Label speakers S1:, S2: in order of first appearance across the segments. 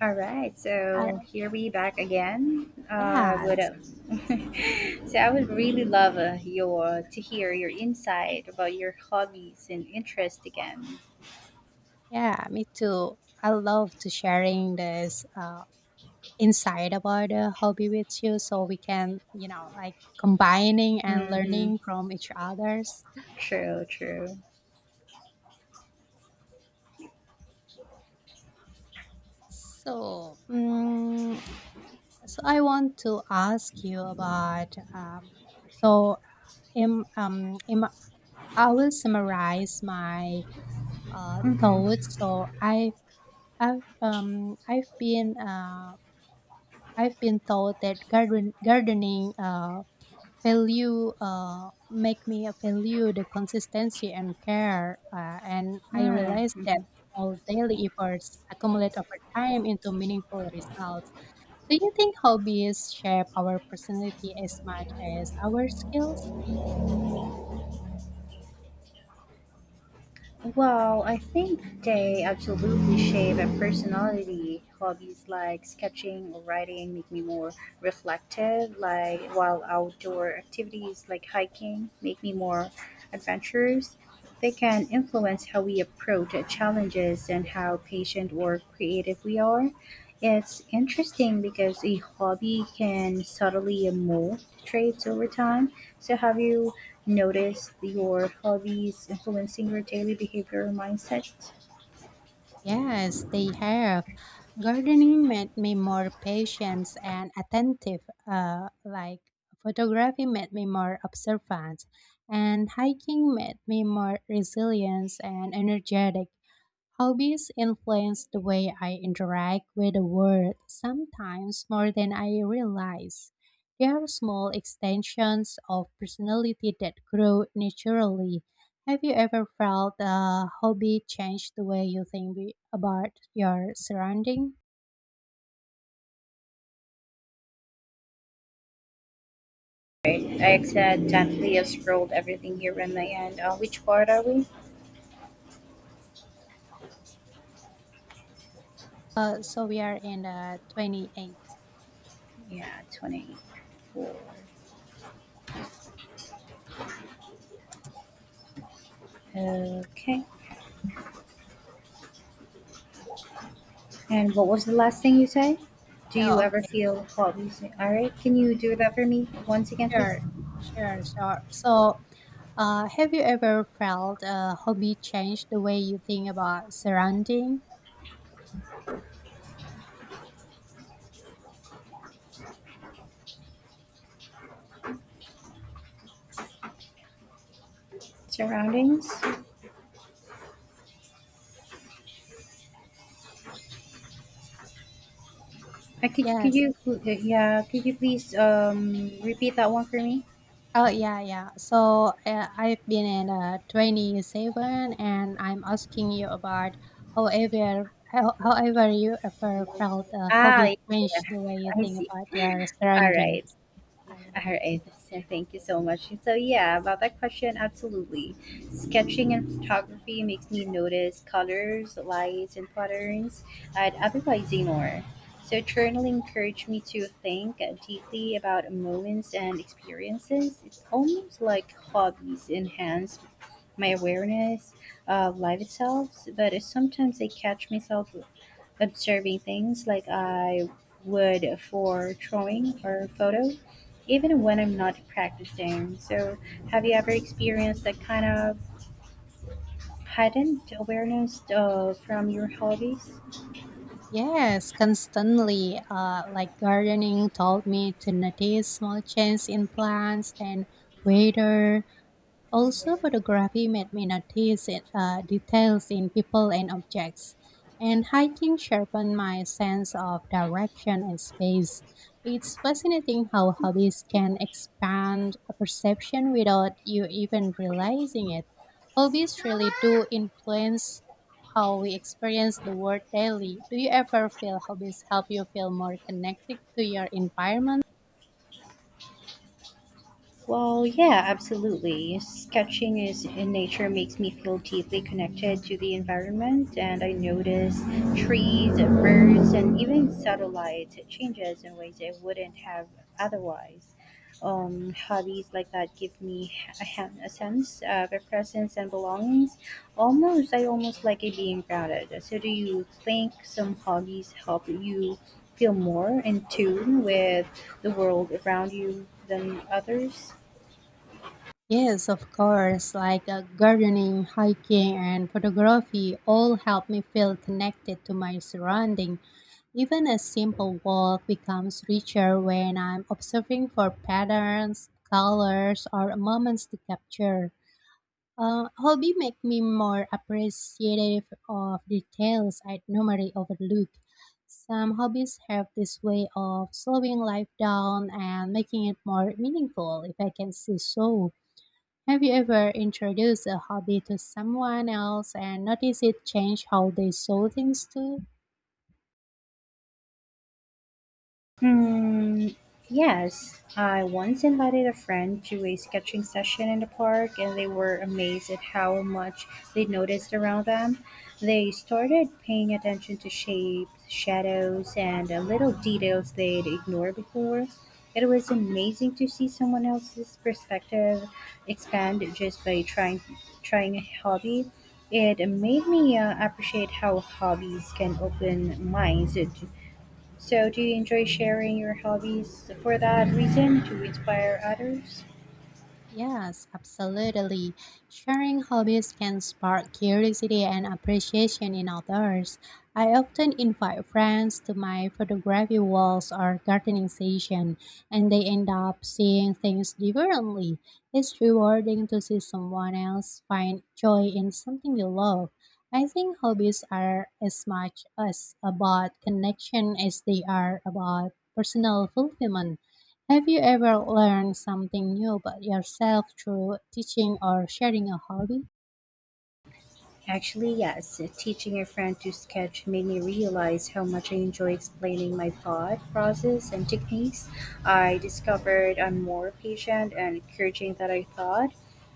S1: All right,
S2: Uh,
S1: so here we back again. With
S2: yes,
S1: So I would really love your to hear your insight about your hobbies and interest again.
S2: yeah, me too. I love to sharing this insight about the hobby with you, so we can, you know, like combining and
S1: Mm-hmm.
S2: learning from each others.
S1: True, true.
S2: So, um, so I want to ask you about. So, in I will summarize my
S1: Mm-hmm.
S2: thoughts. I've, um, I've been, uh, I've been taught that gardening value make me value the consistency and care and I
S1: Yeah.
S2: realized that
S1: Mhm.
S2: all daily efforts accumulate over time into meaningful results. Do you think hobbies shape our personality as much as our skills?
S1: Well, I think they absolutely shape a personality. Hobbies like sketching or writing make me more reflective, like while outdoor activities like hiking make me more adventurous. They can influence how we approach challenges and how patient or creative we are. It's interesting because a hobby can subtly mold traits over time. So, have you notice your hobbies influencing your daily behavior or mindset?
S2: Yes, they have. Gardening made me more patient and attentive, like photography made me more observant, and hiking made me more resilient and energetic. Hobbies influence the way I interact with the world, sometimes more than I realize. They are small extensions of personality that grow naturally. Have you ever felt a hobby change the way you think about your surrounding?
S1: Right. I said definitely I scrolled everything here in my end. Which part are we?
S2: So we are in the 28.
S1: Yeah, 20. Okay. And what was the last thing you said? Do you
S2: Oh,
S1: ever
S2: okay,
S1: feel hobbies? All right. Can you do that for me once again, please?
S2: sure, sure, sure. So, have you ever felt a hobby change the way you think about surrounding?
S1: Surroundings. I could. Could
S2: Yes.
S1: you? Yeah. Could you please repeat that one for me?
S2: Oh yeah, yeah. So I've been in 27, and I'm asking you about however you ever felt a
S1: Ah,
S2: hobby
S1: yeah. Yeah,
S2: changed the way you
S1: I
S2: think
S1: see.
S2: about your
S1: All right.
S2: surroundings.
S1: All
S2: Um,
S1: right, so thank you so much. So yeah, about that question, absolutely. Sketching and photography makes me notice colors, lights, and patterns I'd otherwise ignore. So journaling encouraged me to think deeply about moments and experiences. It's almost like hobbies enhance my awareness of life itself, but sometimes I catch myself observing things like I would for drawing or photo, even when I'm not practicing. So, have you ever experienced that kind of heightened awareness from your hobbies?
S2: Yes, constantly. Like gardening taught me to notice small changes in plants and weather. Also, photography made me notice details in people and objects, and hiking sharpened my sense of direction and space. It's fascinating how hobbies can expand a perception without you even realizing it. Hobbies really do influence how we experience the world daily. Do you ever feel hobbies help you feel more connected to your environment?
S1: Well, yeah, absolutely. Sketching is in nature makes me feel deeply connected to the environment, and I notice trees, birds, and even satellites changes in ways I wouldn't have otherwise. Hobbies like that give me a sense of a presence and belongings. Almost, I almost like it being grounded. So, do you think some hobbies help you feel more in tune with the world around you than others?
S2: Yes, of course, like gardening, hiking, and photography all help me feel connected to my surrounding. Even a simple walk becomes richer when I'm observing for patterns, colors, or moments to capture. Hobby make me more appreciative of details I'd normally overlook. Some hobbies have this way of slowing life down and making it more meaningful if I can say so. Have you ever introduced a hobby to someone else and noticed it change how they saw things too?
S1: Hmm. Yes, I once invited a friend to a sketching session in the park, and they were amazed at how much they noticed around them. They started paying attention to shapes, shadows, and little details they'd ignored before. It was amazing to see someone else's perspective expand just by trying a hobby. It made me appreciate how hobbies can open minds. So, do you enjoy sharing your hobbies for that reason to inspire others?
S2: Yes, absolutely. Sharing hobbies can spark curiosity and appreciation in others. I often invite friends to my photography walls or gardening session, and they end up seeing things differently. It's rewarding to see someone else find joy in something you love. I think hobbies are as much as about connection as they are about personal fulfillment. Have you ever learned something new about yourself through teaching or sharing a hobby?
S1: Actually, yes. Teaching a friend to sketch made me realize how much I enjoy explaining my thought process and techniques. I discovered I'm more patient and encouraging than I thought.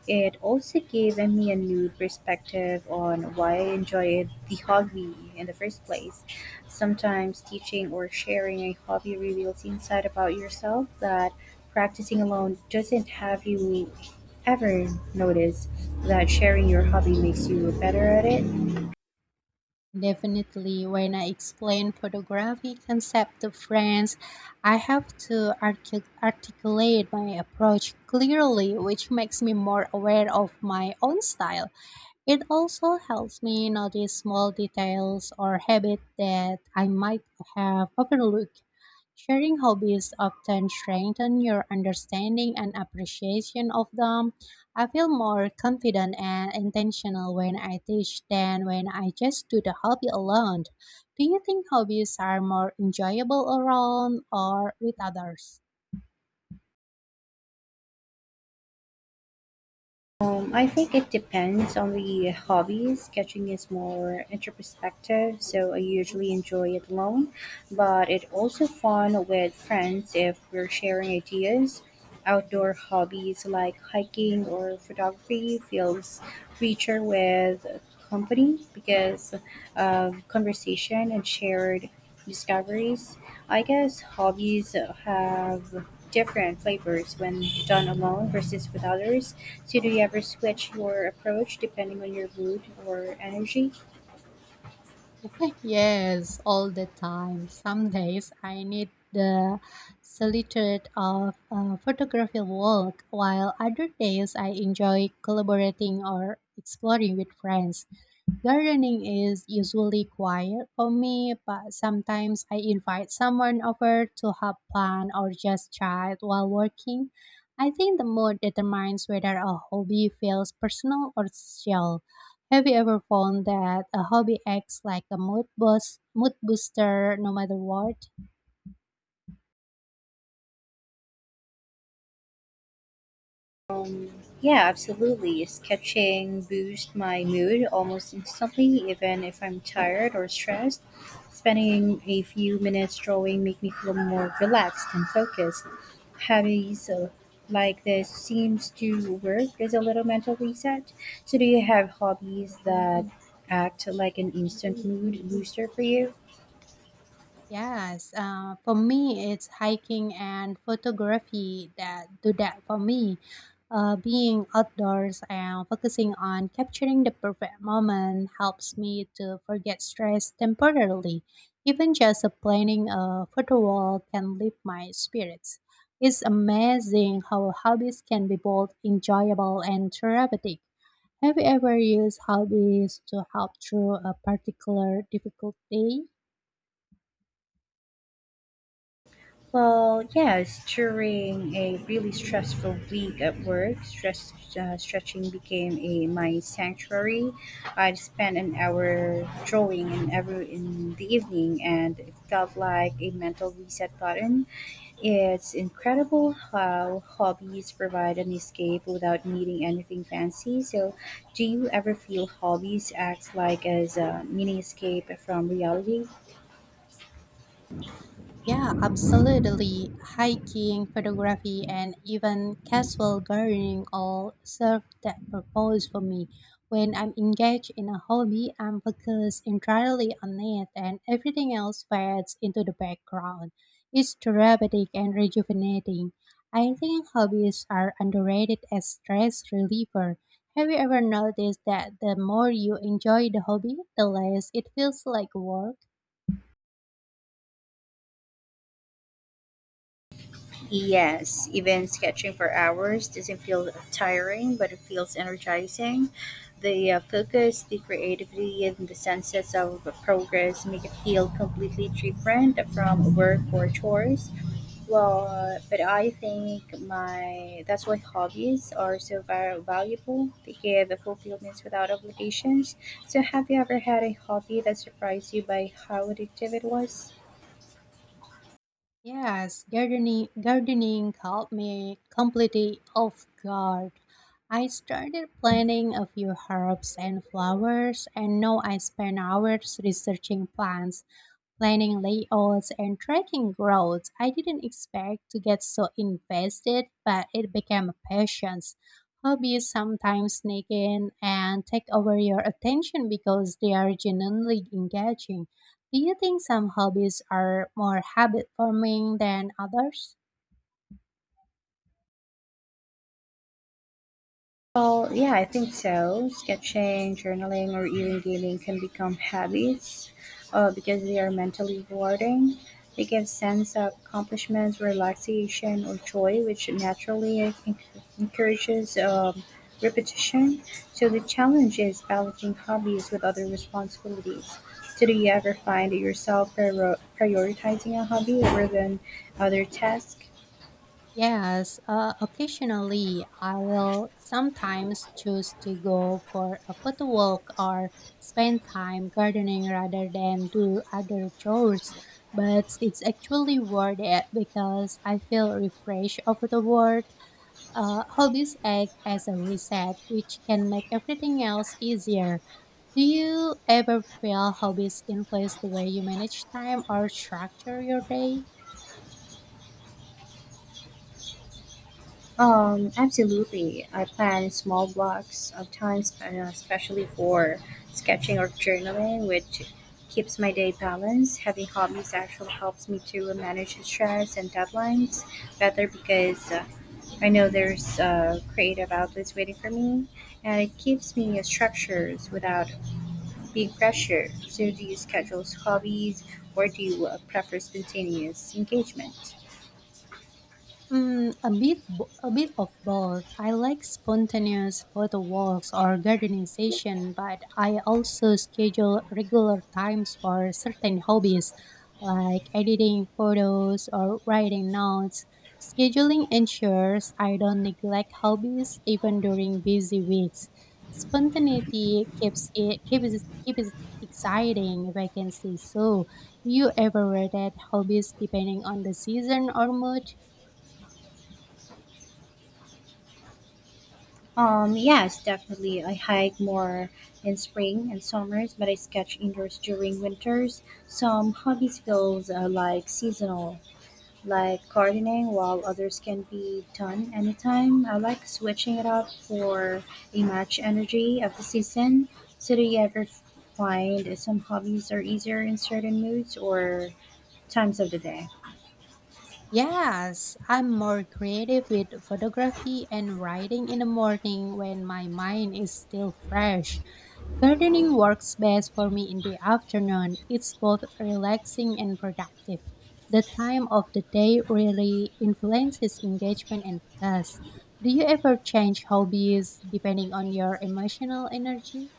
S1: It also gave me a new perspective on why I enjoyed the hobby in the first place. Sometimes teaching or sharing a hobby reveals insight about yourself that practicing alone doesn't. Have you ever notice that sharing your hobby makes you better at it?
S2: Definitely, when I explain photography concept to friends, I have to articulate my approach clearly, which makes me more aware of my own style. It also helps me notice small details or habits that I might have overlooked. Sharing hobbies often strengthen your understanding and appreciation of them. I feel more confident and intentional when I teach than when I just do the hobby alone. Do you think hobbies are more enjoyable around or with others?
S1: I think it depends on the hobby. Sketching is more introspective, so I usually enjoy it alone, but it also fun with friends if we're sharing ideas. Outdoor hobbies like hiking or photography feels richer with company because of conversation and shared discoveries. I guess hobbies have different flavors when done alone versus with others. So, do you ever switch your approach depending on your mood or energy?
S2: Yes, all the time. Some days I need the solitude of photography work, while other days I enjoy collaborating or exploring with friends. Gardening is usually quiet for me, but sometimes I invite someone over to help plant or just chat while working. I think the mood determines whether a hobby feels personal or social. Have you ever found that a hobby acts like a mood booster no matter what?
S1: Yeah, absolutely. Sketching boosts my mood almost instantly, even if I'm tired or stressed. Spending a few minutes drawing make me feel more relaxed and focused. Hobbies like this seems to work as a little mental reset. So, do you have hobbies that act like an instant mood booster for you?
S2: Yes, for me, it's hiking and photography that do that for me. Being outdoors and focusing on capturing the perfect moment helps me to forget stress temporarily. Even just a planning a photo wall can lift my spirits. It's amazing how hobbies can be both enjoyable and therapeutic. Have you ever used hobbies to help through a particular difficult day?
S1: Well, yes, during a really stressful week at work, stretching became a my sanctuary. I'd spend an hour drawing in every in the evening, and it felt like a mental reset button. It's incredible how hobbies provide an escape without needing anything fancy. So, do you ever feel hobbies act like as a mini escape from reality?
S2: Yeah, absolutely. Hiking, photography, and even casual gardening all serve that purpose for me. When I'm engaged in a hobby, I'm focused entirely on it, and everything else fades into the background. It's therapeutic and rejuvenating. I think hobbies are underrated as stress reliever. Have you ever noticed that the more you enjoy the hobby, the less it feels like work?
S1: Yes, even sketching for hours doesn't feel tiring, but it feels energizing. The focus, the creativity, and the senses of progress make it feel completely different from work or chores. Well, but I think my that's why hobbies are so valuable. They give fulfillments without obligations. So, have you ever had a hobby that surprised you by how addictive it was?
S2: Yes, gardening caught me completely off guard. I started planting a few herbs and flowers, and now I spend hours researching plants, planning layouts and tracking growth. I didn't expect to get so invested, but it became a passion. Hobbies sometimes sneak in and take over your attention because they are genuinely engaging. Do you think some hobbies are more habit forming than others?
S1: Well, yeah, I think so. Sketching, journaling, or even gaming can become habits because they are mentally rewarding. They give sense of accomplishments, relaxation, or joy, which naturally I think encourages repetition. So the challenge is balancing hobbies with other responsibilities. So do you ever find yourself prioritizing a hobby over than other tasks?
S2: Yes, occasionally I will sometimes choose to go for a photo walk or spend time gardening rather than do other chores. But it's actually worth it because I feel refreshed over the world. Hobbies act as a reset, which can make everything else easier. Do you ever feel hobbies influence the way you manage time or structure your day?
S1: Absolutely. I plan small blocks of time, especially for sketching or journaling, which keeps my day balanced. Having hobbies actually helps me to manage stress and deadlines better because I know there's creative outlets waiting for me, and it keeps me structures without big pressure. So, do you schedule hobbies or do you prefer spontaneous engagement?
S2: Mm, a bit of both. I like spontaneous photo walks or gardening session, but I also schedule regular times for certain hobbies, like editing photos or writing notes. Scheduling ensures I don't neglect hobbies even during busy weeks. Spontaneity keeps it exciting, if I can say so. Do you ever rotate hobbies depending on the season or mood?
S1: Yes, definitely. I hike more in spring and summers, but I sketch indoors during winters. Some hobbies feels like seasonal, like gardening, while others can be done anytime. I like switching it up for a match energy of the season. So do you ever find some hobbies are easier in certain moods or times of the day?
S2: Yes, I'm more creative with photography and writing in the morning when my mind is still fresh. Gardening works best for me in the afternoon. It's both relaxing and productive. The time of the day really influences engagement and focus. Do you ever change hobbies depending on your emotional energy?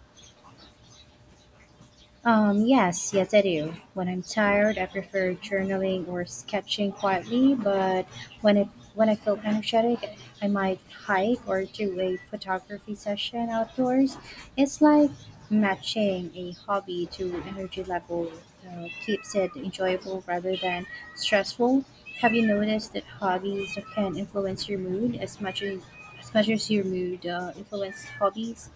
S1: Yes, yes, I do. When I'm tired, I prefer journaling or sketching quietly. But when it when I feel energetic, I might hike or do a photography session outdoors. It's like matching a hobby to energy level. Keeps it enjoyable rather than stressful. Have you noticed that hobbies can influence your mood as much as your mood influence hobbies?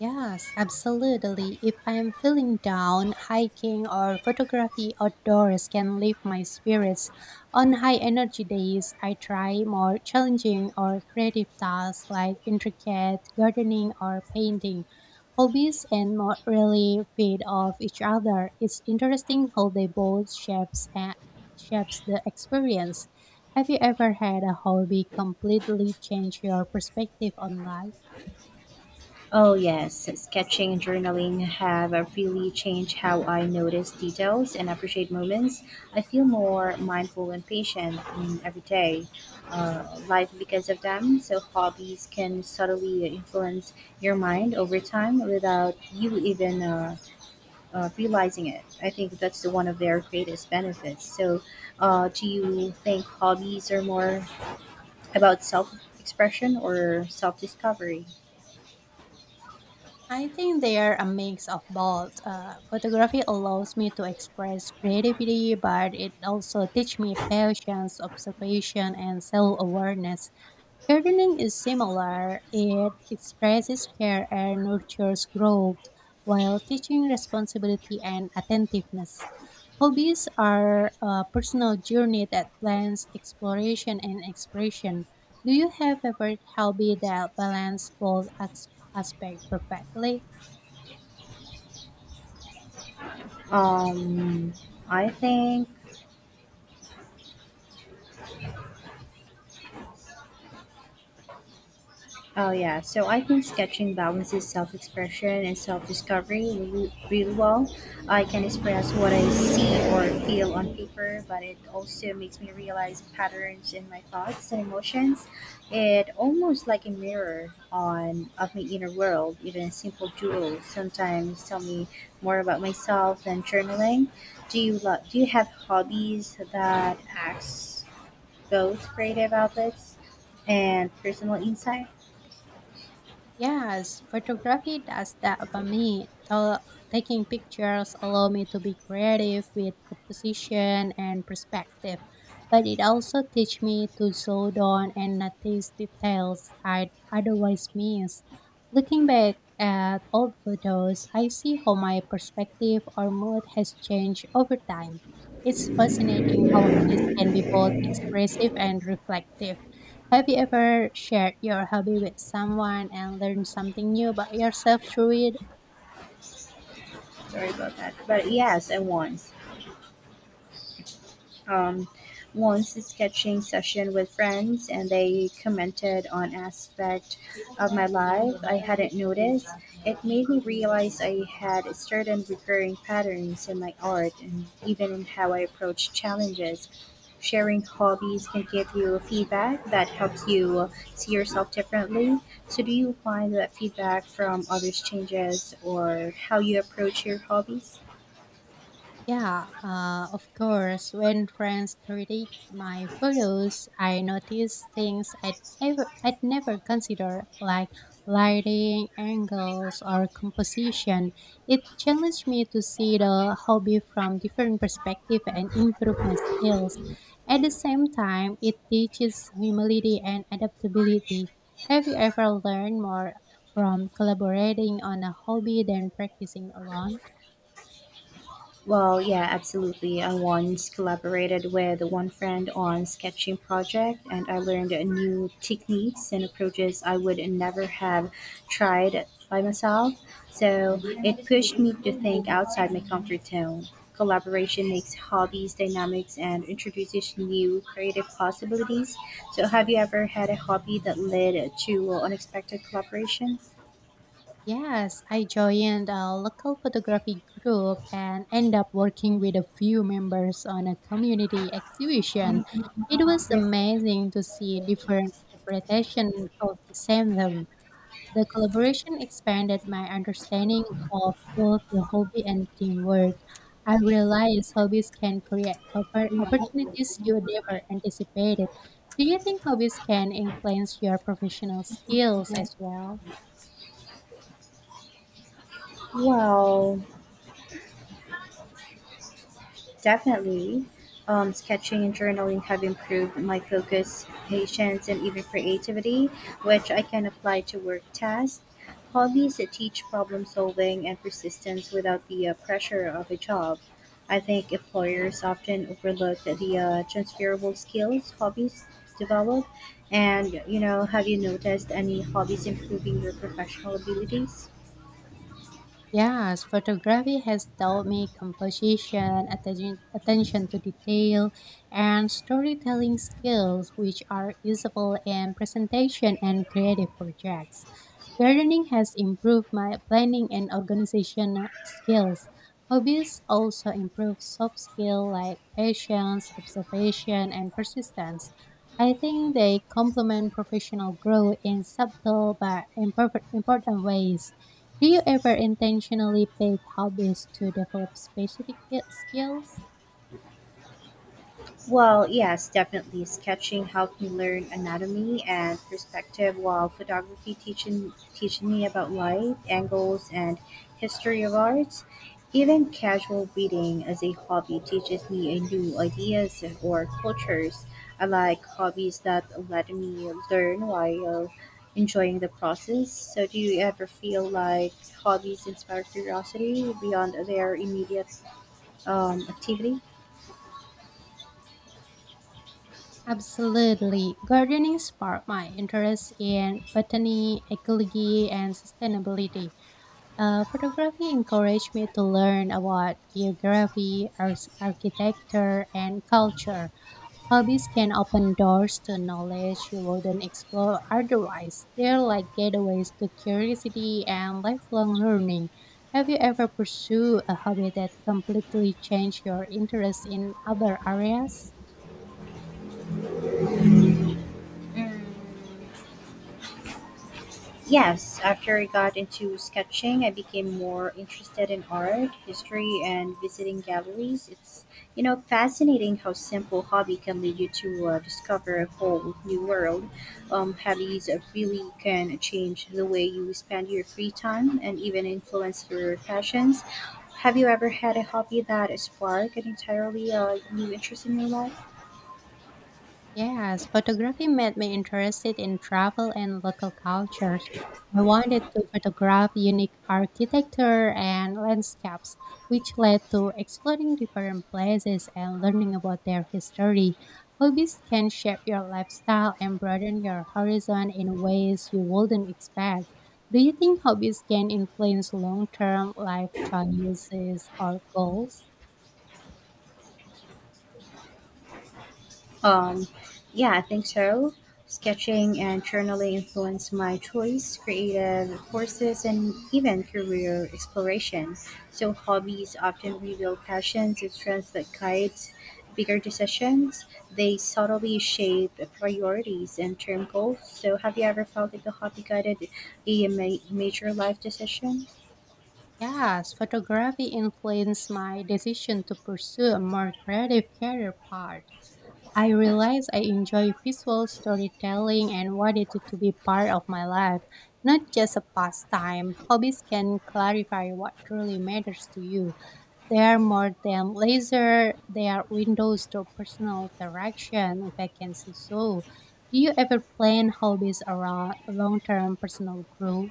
S2: Yes, absolutely. If I'm feeling down, hiking or photography outdoors can lift my spirits. On high energy days, I try more challenging or creative tasks like intricate gardening or painting. Hobbies and more really feed off each other. It's interesting how they both shapes the experience. Have you ever had a hobby completely change your perspective on life?
S1: Oh, yes. Sketching and journaling have really changed how I notice details and appreciate moments. I feel more mindful and patient in everyday life because of them. So, hobbies can subtly influence your mind over time without you even realizing it. I think that's the one of their greatest benefits. So, do you think hobbies are more about self expression or self discovery?
S2: I think they are a mix of both. Photography allows me to express creativity, but it also teaches me patience, observation, and self awareness. Gardening is similar. It expresses care and nurtures growth while teaching responsibility and attentiveness. Hobbies are a personal journey that blends exploration and expression. Do you have a favorite hobby that balances both aspects perfectly?
S1: Um, I think, oh yeah, so I think sketching balances self expression and self discovery really, really well. I can express what I see or feel on paper, but it also makes me realize patterns in my thoughts and emotions. It almost like a mirror on of my inner world, even a simple doodle sometimes tell me more about myself than journaling. Do you have hobbies that acts those creative outlets and personal insight?
S2: Yes, photography does that for me. Taking pictures allow me to be creative with composition and perspective, but it also teach me to slow down and notice details I'd otherwise miss. Looking back at old photos, I see how my perspective or mood has changed over time. It's fascinating how hobbies can be both expressive and reflective. Have you ever shared your hobby with someone and learned something new about yourself through it?
S1: Sorry about that. But yes, I won. um, once a sketching session with friends and they commented on aspect of my life I hadn't noticed. It made me realize I had certain recurring patterns in my art and even in how I approach challenges. Sharing hobbies can give you feedback that helps you see yourself differently. So, do you find that feedback from others changes or how you approach your hobbies?
S2: Yeah, of course. When friends critique my photos, I notice things I'd never consider, like lighting, angles, or composition. It challenged me to see the hobby from different perspective and improve my skills. At the same time, it teaches humility and adaptability. Have you ever learned more from collaborating on a hobby than practicing alone?
S1: Well, yeah, absolutely. I once collaborated with one friend on sketching project and I learned new techniques and approaches I would never have tried by myself. So it pushed me to think outside my comfort zone. Collaboration makes hobbies dynamics and introduces new creative possibilities. So have you ever had a hobby that led to unexpected collaboration?
S2: Yes, I joined a local photography group and ended up working with a few members on a community exhibition. It was amazing to see different interpretations of the same theme. The collaboration expanded my understanding of both the hobby and teamwork. I realized hobbies can opportunities you never anticipated. Do you think hobbies can influence your professional skills as well?
S1: Well, definitely. Sketching and journaling have improved my focus, patience, and even creativity, which I can apply to work tasks. Hobbies that teach problem solving and persistence without the pressure of a job. I think employers often overlook the transferable skills hobbies develop. And, have you noticed any hobbies improving your professional abilities?
S2: Yes, photography has taught me composition, attention to detail, and storytelling skills, which are usable in presentation and creative projects. Gardening has improved my planning and organization skills. Hobbies also improve soft skills like patience, observation, and persistence. I think they complement professional growth in subtle but imperfect, important ways. Do you ever intentionally pick hobbies to develop specific skills?
S1: Well, yes, definitely. Sketching helped me learn anatomy and perspective, while photography teaching me about light, angles, and history of arts. Even casual reading as a hobby teaches me a new ideas or cultures. I like hobbies that let me learn while enjoying the process. So, do you ever feel like hobbies inspire curiosity beyond their immediate activity?
S2: Absolutely. Gardening sparked my interest in botany, ecology, and sustainability. Photography encouraged me to learn about geography, architecture, and culture. Hobbies can open doors to knowledge you wouldn't explore otherwise. They're like gateways to curiosity and lifelong learning. Have you ever pursued a hobby that completely changed your interest in other areas?
S1: Mm, yes, after I got into sketching, I became more interested in art, history, and visiting galleries. It's fascinating how simple hobby can lead you to discover a whole new world. Hobbies really can change the way you spend your free time and even influence your passions. Have you ever had a hobby that sparked an entirely new interest in your life?
S2: Yes, photography made me interested in travel and local cultures. I wanted to photograph unique architecture and landscapes, which led to exploring different places and learning about their history. Hobbies can shape your lifestyle and broaden your horizon in ways you wouldn't expect. Do you think hobbies can influence long term life choices or goals?
S1: Um, yeah, I think so. Sketching and journaling influenced my choice, creative courses, and even career exploration. So hobbies often reveal passions and strengths that guides bigger decisions. They subtly shape priorities and term goals. So have you ever felt like a hobby guided a major life decision?
S2: Yes, photography influenced my decision to pursue a more creative career path. I realized I enjoy visual storytelling and wanted it to be part of my life, not just a pastime. Hobbies can clarify what truly matters to you. They are more than leisure, they are windows to personal interaction, if I can say so. Do you ever plan hobbies around long term personal growth?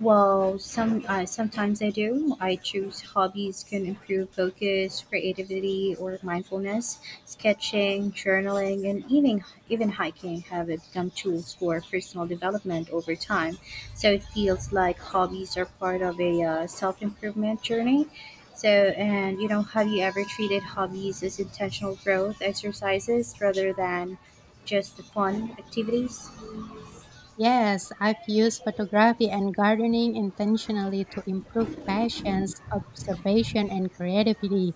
S1: Sometimes I do. I choose hobbies can improve focus, creativity, or mindfulness. Sketching, journaling, and even hiking have become tools for personal development over time. So it feels like hobbies are part of a self improvement journey. So, and have you ever treated hobbies as intentional growth exercises rather than just fun activities?
S2: Yes, I've used photography and gardening intentionally to improve passions, observation, and creativity.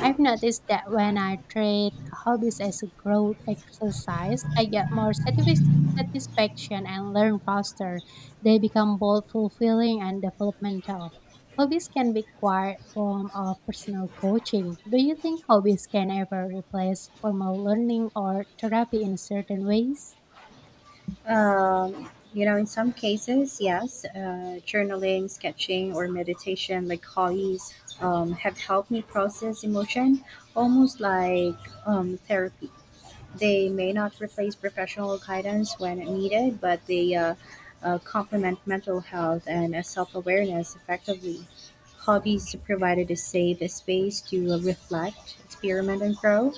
S2: I've noticed that when I treat hobbies as a growth exercise, I get more satisfaction and learn faster. They become both fulfilling and developmental. Hobbies can be quite form of personal coaching. Do you think hobbies can ever replace formal learning or therapy in certain ways?
S1: In some cases, yes, journaling, sketching, or meditation, like hobbies, have helped me process emotion, almost like therapy. They may not replace professional guidance when needed, but they complement mental health and self awareness effectively. Hobbies provided a safe space to reflect, experiment, and grow.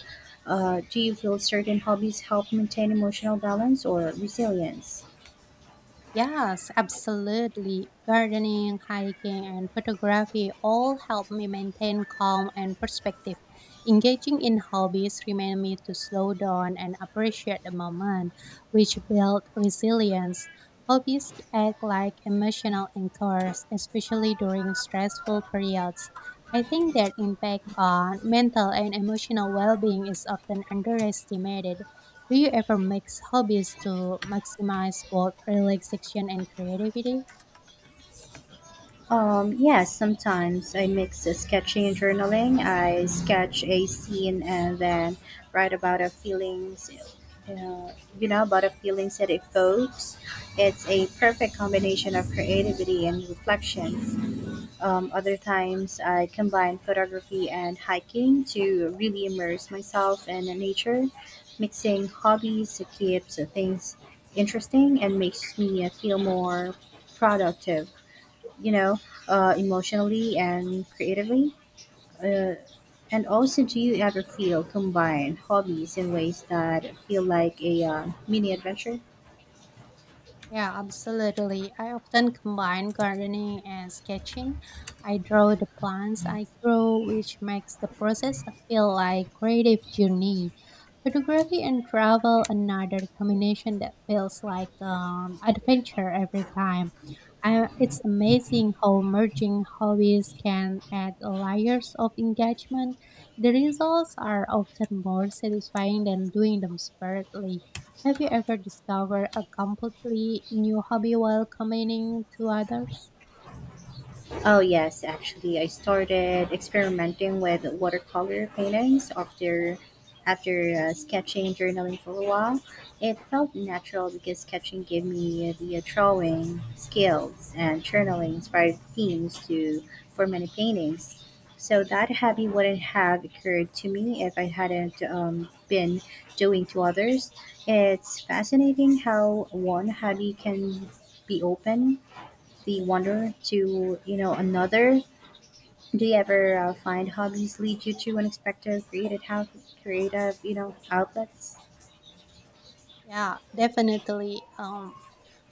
S1: Do you feel certain hobbies help maintain emotional balance or resilience?
S2: Yes, absolutely. Gardening, hiking, and photography all help me maintain calm and perspective. Engaging in hobbies remind me to slow down and appreciate the moment, which build resilience. Hobbies act like emotional anchors, especially during stressful periods. I think their impact on mental and emotional well-being is often underestimated. Do you ever mix hobbies to maximize both relaxation and creativity?
S1: Yeah, sometimes I mix the sketching and journaling. I sketch a scene and then write about a feelings, uh, about a feelings that evokes. It's a perfect combination of creativity and reflection. Other times I combine photography and hiking to really immerse myself in nature. Mixing hobbies keeps things interesting and makes me feel more productive you know, emotionally and creatively? Uh, and also, do you ever feel combine hobbies in ways that feel like a mini adventure?
S2: Yeah, absolutely. I often combine gardening and sketching. I draw the plants I grow, which makes the process feel like creative journey. Photography and travel another combination that feels like adventure every time. I, it's amazing how merging hobbies can add layers of engagement. The results are often more satisfying than doing them separately. Have you ever discovered a completely new hobby while commenting to others?
S1: Oh, yes, actually, I started experimenting with watercolor paintings after sketching and journaling for a while. It felt natural because sketching gave me the drawing skills and journaling inspired themes to for many paintings. So that hobby wouldn't have occurred to me if I hadn't been doing to others. It's fascinating how one hobby can be open the wonder to another. Do you ever find hobbies lead you to unexpected creative how creative outlets?
S2: Yeah, definitely.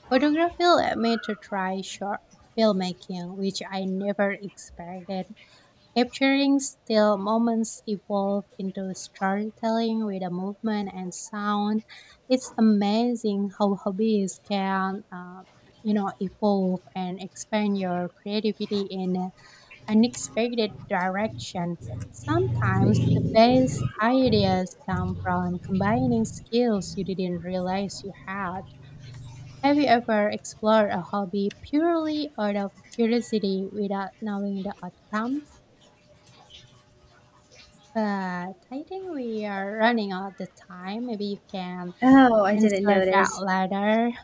S2: Photography led me to try short filmmaking, which I never expected. Capturing still moments evolved into storytelling with a movement and sound. It's amazing how hobbies can, evolve and expand your creativity in unexpected direction. Sometimes the best ideas come from combining skills you didn't realize you had. Have you ever explored a hobby purely out of curiosity without knowing the outcome? But I think we are running out of time. Maybe you can
S1: Oh, I didn't
S2: answer that
S1: notice.
S2: later.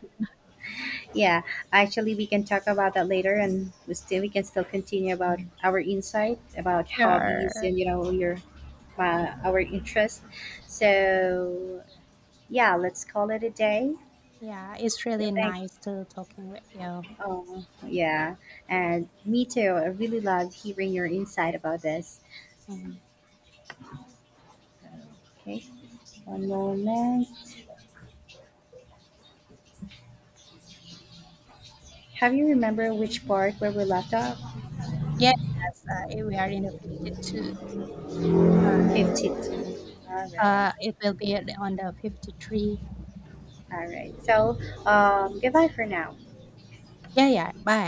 S1: Yeah, actually we can talk about that later and we can still continue about our insight about hobbies
S2: Sure.
S1: and your our interest. So yeah, let's call it a day.
S2: Yeah, it's
S1: Yeah,
S2: really
S1: thank.
S2: nice to talking with you.
S1: Oh yeah, and me too, I really loved hearing your insight about this.
S2: Mhm.
S1: Okay, one moment. Have you remember which part where we left off?
S2: Yes, we are in the 52.
S1: 52. All right,
S2: It will be on the 53.
S1: all right. So, goodbye for now.
S2: Yeah, yeah. Bye.